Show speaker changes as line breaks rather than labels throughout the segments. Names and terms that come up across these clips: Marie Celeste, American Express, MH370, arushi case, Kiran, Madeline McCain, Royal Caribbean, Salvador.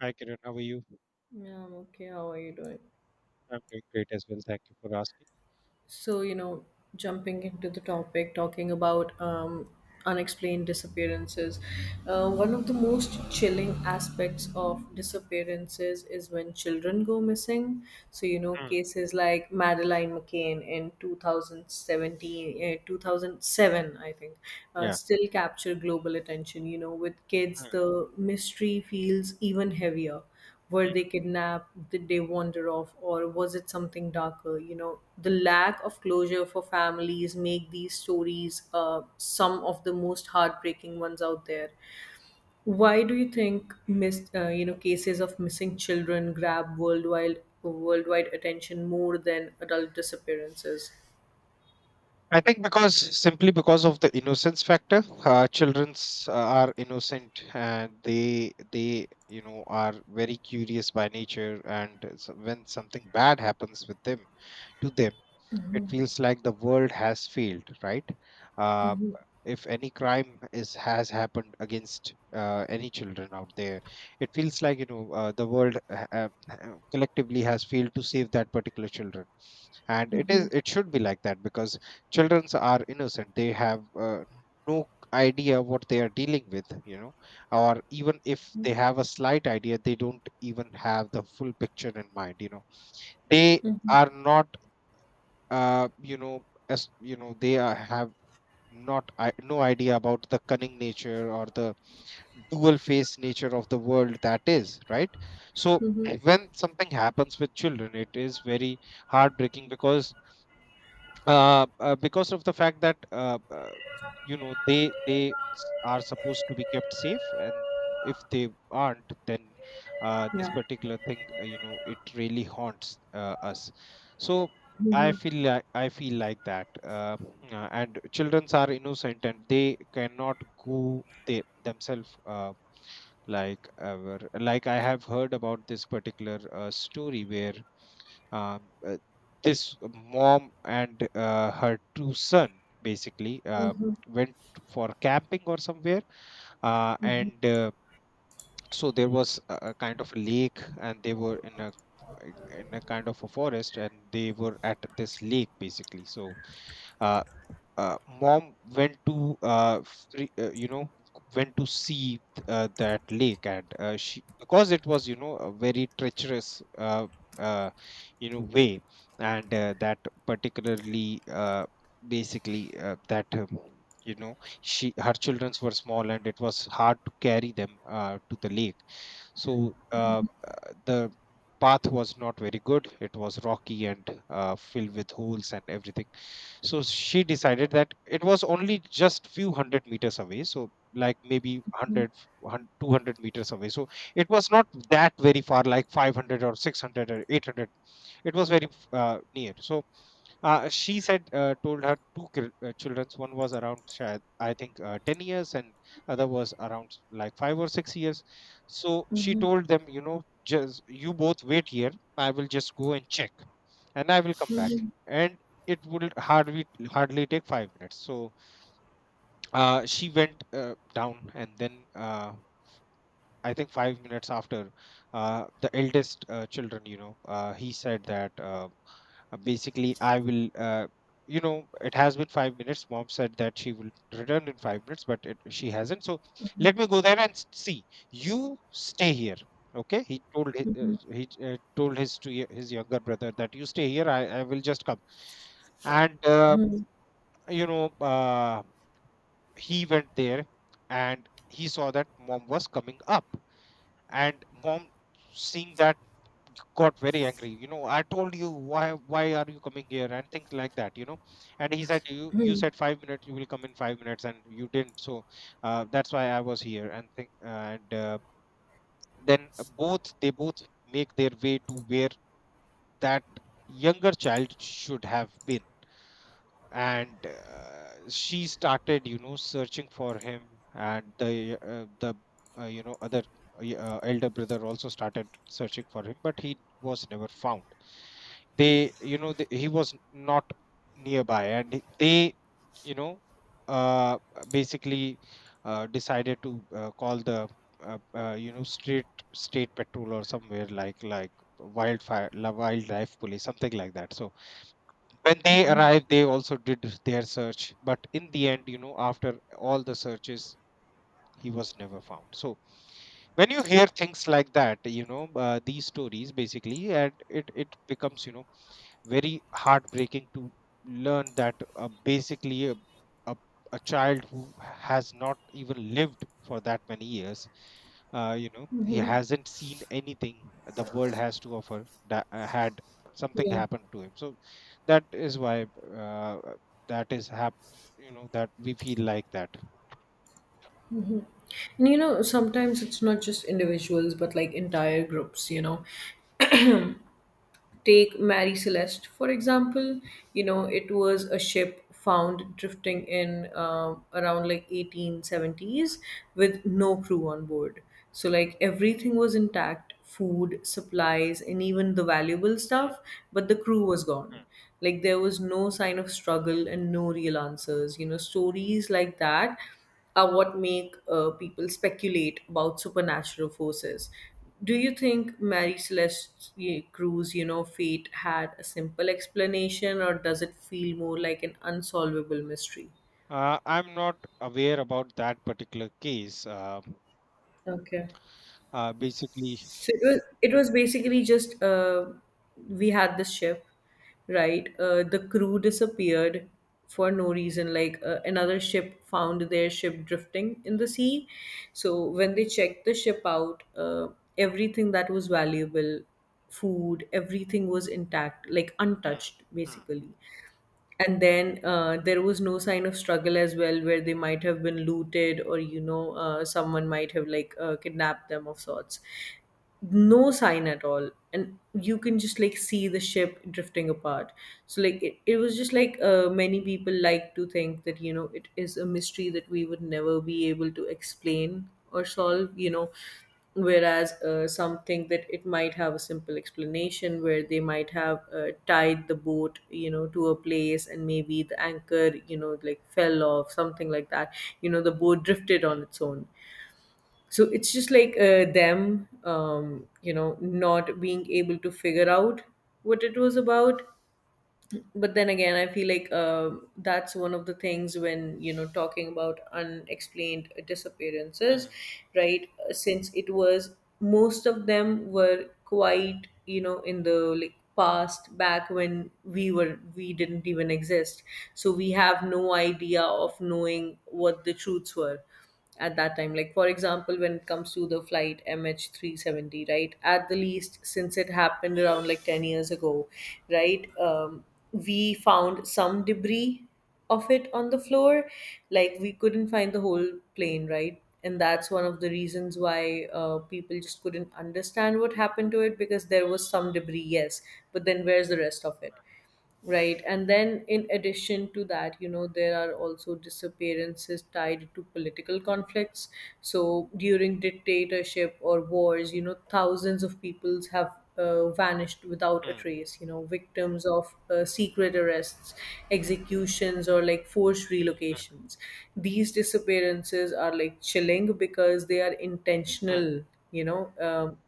Hi, Kiran. How are you?
Yeah, I'm okay. How are you doing?
I'm doing great as well. Thank you for asking.
So, you know, Jumping into the topic, talking about unexplained disappearances. One of the most chilling aspects of disappearances is when children go missing. So, you know,
Mm,
cases like Madeline McCain in 2017, 2007, I think,
yeah.
still capture global attention. You know, with kids,
Mm.
the mystery feels even heavier. Were they kidnapped? Did they wander off? Or was it something darker? You know, the lack of closure for families make these stories some of the most heartbreaking ones out there. Why do you think you know, cases of missing children grab worldwide attention more than adult disappearances?
I think because simply because of the innocence factor, childrens are innocent, and they are very curious by nature. And when something bad happens with them to them, it feels like the world has failed, right. uh,
Hmm.
if any crime is has happened against any children out there, it feels like the world collectively has failed to save that particular children. And it
Hmm.
is it should be like that, because children are innocent. They have no idea what they are dealing with. Or even if they have a slight idea, they don't even have the full picture in mind. They are not, as you know, they are, have not I, no idea about the cunning nature or the dual face nature of the world, that is right. So
Hmm.
when something happens with children, it is very heartbreaking, because of the fact that, they are supposed to be kept safe. And if they aren't, then this
Yeah.
particular thing, it really haunts us. So i
Hmm.
feel like i feel like that, and children are innocent and they cannot go, they themselves, like, ever. Like, I have heard about this particular story where, um, uh, this mom and her two son basically
Hmm.
went for camping or somewhere. And So there was a kind of a lake, and they were in a kind of a forest, and they were at this lake, basically. So uh, mom went to free, you know went to see that lake. And she, because it was, a very treacherous, uh, way. And that, particularly basically that you know she, her childrens were small, and it was hard to carry them to the lake. So the path was not very good. It was rocky and filled with holes and everything. So she decided that it was only just few hundred meters away, so like maybe 100 200 meters away. So it was not that very far, like 500 or 600 or 800. It was very near. So she said told her two children. One was around, I think, 10 years, and other was around like 5 or 6 years. So she told them, just, you both wait here. I will just go and check, and I will come back.
Hmm.
And it would hardly take 5 minutes. So she went down. And then, uh, I think 5 minutes after, the eldest children, he said that, basically, it has been 5 minutes. Mom said that she will return in 5 minutes, but she hasn't. So let me go there and see. You stay here. Okay, he told hi- he told his to y- his younger brother that you stay here. I will just come. And you know uh, he went there, and he saw that mom was coming up. And mom, seeing that, got very angry. I told you, why are you coming here and things like that. And he said, you said 5 minutes, you will come in 5 minutes, and you didn't. So that's why I was here, and think. And then both they both make their way to where that younger child should have been. And she started, searching for him. And the other, elder brother also started searching for him, but he was never found. They you know they, He was not nearby. And they, you know uh basically, decided to call the, you know street state patrol or somewhere, like wildlife police, something like that. So when they arrived, they also did their search, but in the end, after all the searches, he was never found. So when you hear things like that, these stories, basically, and it becomes, very heartbreaking to learn that, basically, a, a child who has not even lived for that many years, he hasn't seen anything the world has to offer, that had something
Yeah.
happened to him. So that is why, uh, that is hap- that we feel like that.
And you know, sometimes it's not just individuals, but like entire groups, you know. Take Marie Celeste, for example, you know, it was a ship found drifting in around like 1870s with no crew on board. So, like, everything was intact, food, supplies, and even the valuable stuff, but the crew was gone. Like, there was no sign of struggle and no real answers. You know, stories like that are what make people speculate about supernatural forces. Do you think Mary Celeste Cruz, you know, fate had a simple explanation, or does it feel more like an unsolvable mystery?
Uh, I'm not aware about that particular case.
Okay.
Basically,
So it was, it was basically just, we had this ship, right? The crew disappeared for no reason. Like another ship found their ship drifting in the sea. So when they checked the ship out, everything that was valuable, food, everything was intact, like
Mm,
untouched,
mm,
basically. And then there was no sign of struggle as well, where they might have been looted, or you know, someone might have like kidnapped them of sorts. No sign at all, and you can just like see the ship drifting apart. So like it was just like, many people like to think that, you know, it is a mystery that we would never be able to explain or solve, you know, whereas some think that it might have a simple explanation, where they might have tied the boat, you know, to a place, and maybe the anchor, you know, like fell off, something like that. You know, the boat drifted on
mm,
its own. So it's just like them, you know, not being able to figure out what it was about. But then again, I feel like, that's one of the things when, you know, talking about unexplained disappearances,
mm,
right? Since it was, most of them were quite, you know, in the, like, past, back when we were, we didn't even exist. So we have no idea of knowing what the truths were at that time. Like, for example, when it comes to the flight MH370, right, at the least, since it happened around like 10 years ago, right, we found some debris of it on the floor. Like we couldn't find the whole plane, right? And that's one of the reasons why people just couldn't understand what happened to it, because there was some debris, yes, but then where's the rest of it? Right. And then, in addition to that, you know, there are also disappearances tied to political conflicts. So, during dictatorship or wars, you know, thousands of peoples have vanished without a
mm,
trace, you know, victims of secret arrests, executions, or like forced relocations. These disappearances are like chilling because they are
mm,
intentional, you know,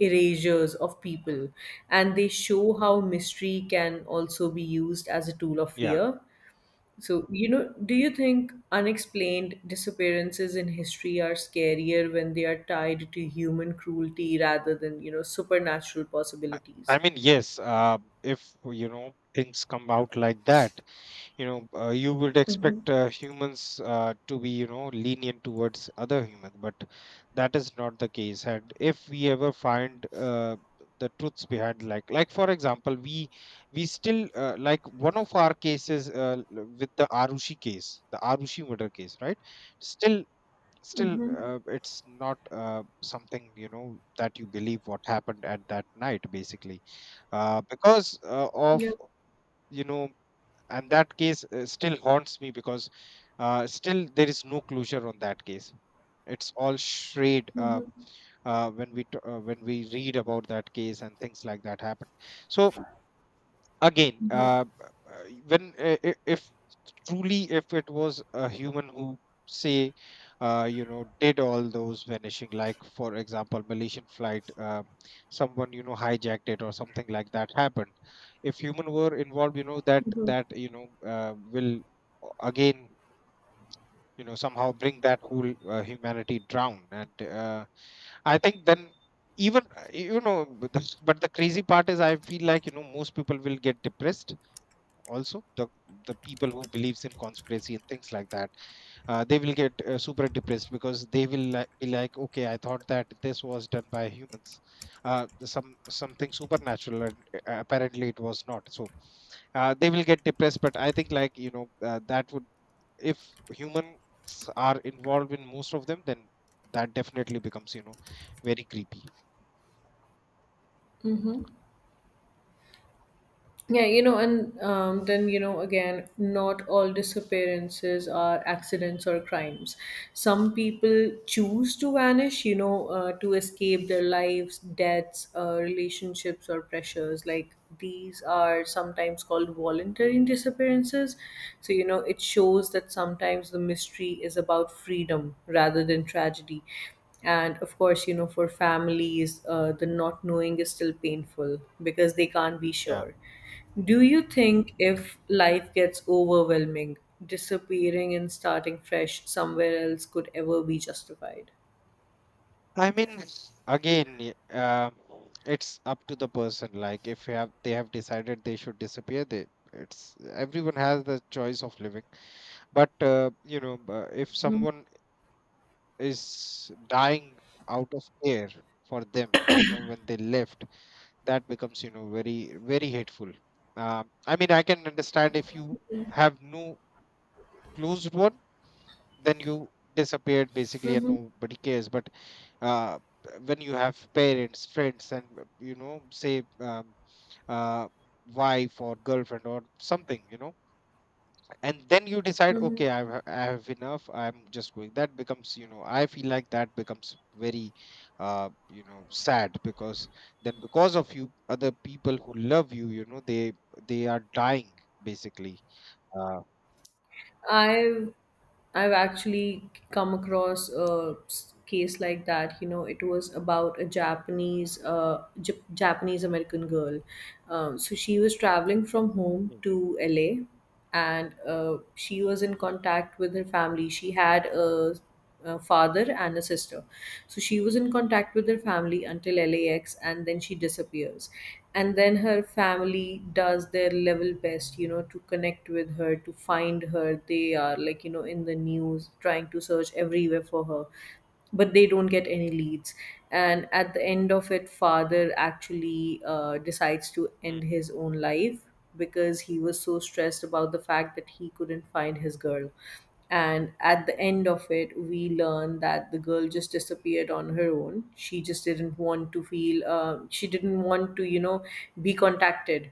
erasures of people,
mm.
and they show how mystery can also be used as a tool of
Yeah.
fear. So you know, do you think unexplained disappearances in history are scarier when they are tied to human cruelty rather than, you know, supernatural
I
possibilities?
I mean, yes, if, things come out like that, you would
Mm-hmm.
expect, humans, to be, lenient towards other humans. But that is not the case. And if we ever find the truths behind, like for example, we still, like one of our cases, with the Arushi murder case, right. Still still,
Mm-hmm.
it's not, something, that you believe what happened at that night, basically, because, of.
Yeah.
You know and that case, still haunts me, because, still there is no closure on that case. It's all shade. When we read about that case and things like that happen. So again, when, if truly, if it was a human who, say, did all those vanishing, like, for example, Malaysian flight, someone, hijacked it or something like that happened. If human were involved, that, will, again, somehow bring that whole, humanity down. And I think then, even but the crazy part is, I feel like, most people will get depressed. Also the people who believes in conspiracy and things like that, they will get super depressed, because they will, be like, okay, I thought that this was done by humans, some something supernatural, and apparently it was not. So they will get depressed. But I think, like, that would, if humans are involved in most of them, then that definitely becomes, very creepy.
Yeah, you know, and then, you know, again, not all disappearances are accidents or crimes. Some people choose to vanish, you know, to escape their lives, deaths, relationships, or pressures. Like these are sometimes called voluntary disappearances. So, you know, it shows that sometimes the mystery is about freedom rather than tragedy. And of course, you know, for families, the not knowing is still painful because they can't be
Yeah,
sure. Do you think if life gets overwhelming, disappearing and starting fresh somewhere else could ever be justified?
I mean, again, it's up to the person. Like, if you have they have decided they should disappear, they it's, everyone has the choice of living. But if someone is dying out of care for them, when they left, that becomes, very, very hateful. I mean, I can understand if you have no closed one, then you disappeared basically, and
Hmm.
nobody cares. But uh, when you have parents, friends, and, say, uh, wife or girlfriend or something, and then you decide,
Hmm.
okay, I have enough, I'm just going. That becomes, I feel like that becomes very, sad, because then because of you, other people who love you, you know they are dying, basically. uh,
I've I've actually come across a case like that. You know, it was about a Japanese Japanese American girl. So she was traveling from home
Mm, mm.
to LA, and she was in contact with her family. She had a father and a sister. So she was in contact with her family until LAX, and then she disappears. And then her family does their level best, you know, to connect with her, to find her. They are like, you know, in the news, trying to search everywhere for her, but they don't get any leads. And at the end of it, father actually decides to end his own life, because he was so stressed about the fact that he couldn't find his girl. And at the end of it, we learn that the girl just disappeared on her own. She just didn't want to feel, she didn't want to, you know, be contacted.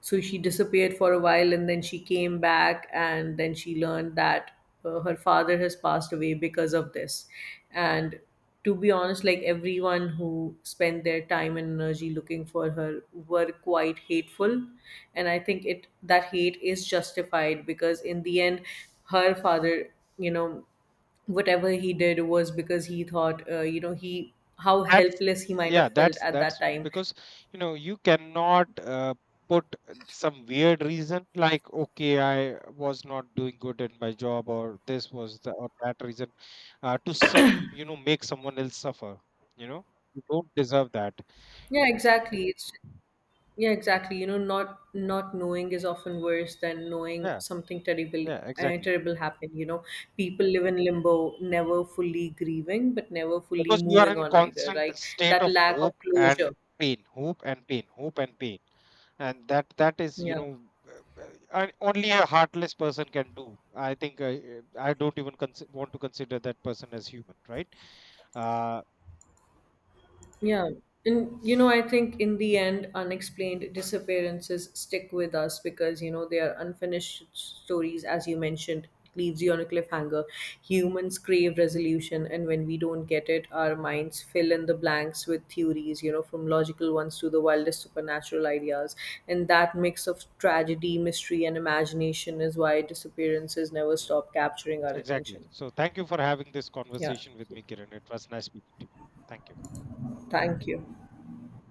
So she disappeared for a while, and then she came back, and then she learned that her father has passed away because of this. And to be honest, like everyone who spent their time and energy looking for her were quite hateful. And I think it, that hate is justified, because in the end, her father, you know, whatever he did was because he thought, you know, he, how
That's,
helpless he might
yeah,
have felt
that's
at that
that's
time.
because, you cannot, put some weird reason like, okay, I was not doing good in my job or this was the, or that reason, uh, to su- make someone else suffer. you know you don't deserve that.
Yeah,
Y-
exactly. It's Yeah, exactly. You know, not knowing is often worse than knowing
yeah,
something terrible,
yeah, exactly.
happened. You know, people live in limbo, never fully grieving, but never fully
Because you are
moving
in
on either.
constant
Like
state
that
of
lack of
hope and
closure.
pain, hope and pain, hope and pain. And that is,
Yeah.
uh, uh, only a heartless person can do, I think. I don't even want to consider that person as human, right. uh,
Yeah. And, you know, I think in the end, unexplained disappearances stick with us because, you know, they are unfinished stories, as you mentioned. It leaves you on a cliffhanger. Humans crave resolution, and when we don't get it, our minds fill in the blanks with theories, you know, from logical ones to the wildest supernatural ideas. And that mix of tragedy, mystery, and imagination is why disappearances never
Hmm.
stop capturing our
Exactly.
attention.
So thank you for having this
Yeah.
conversation with me, Kiran. It was nice speaking to you. Thank you.
Thank you.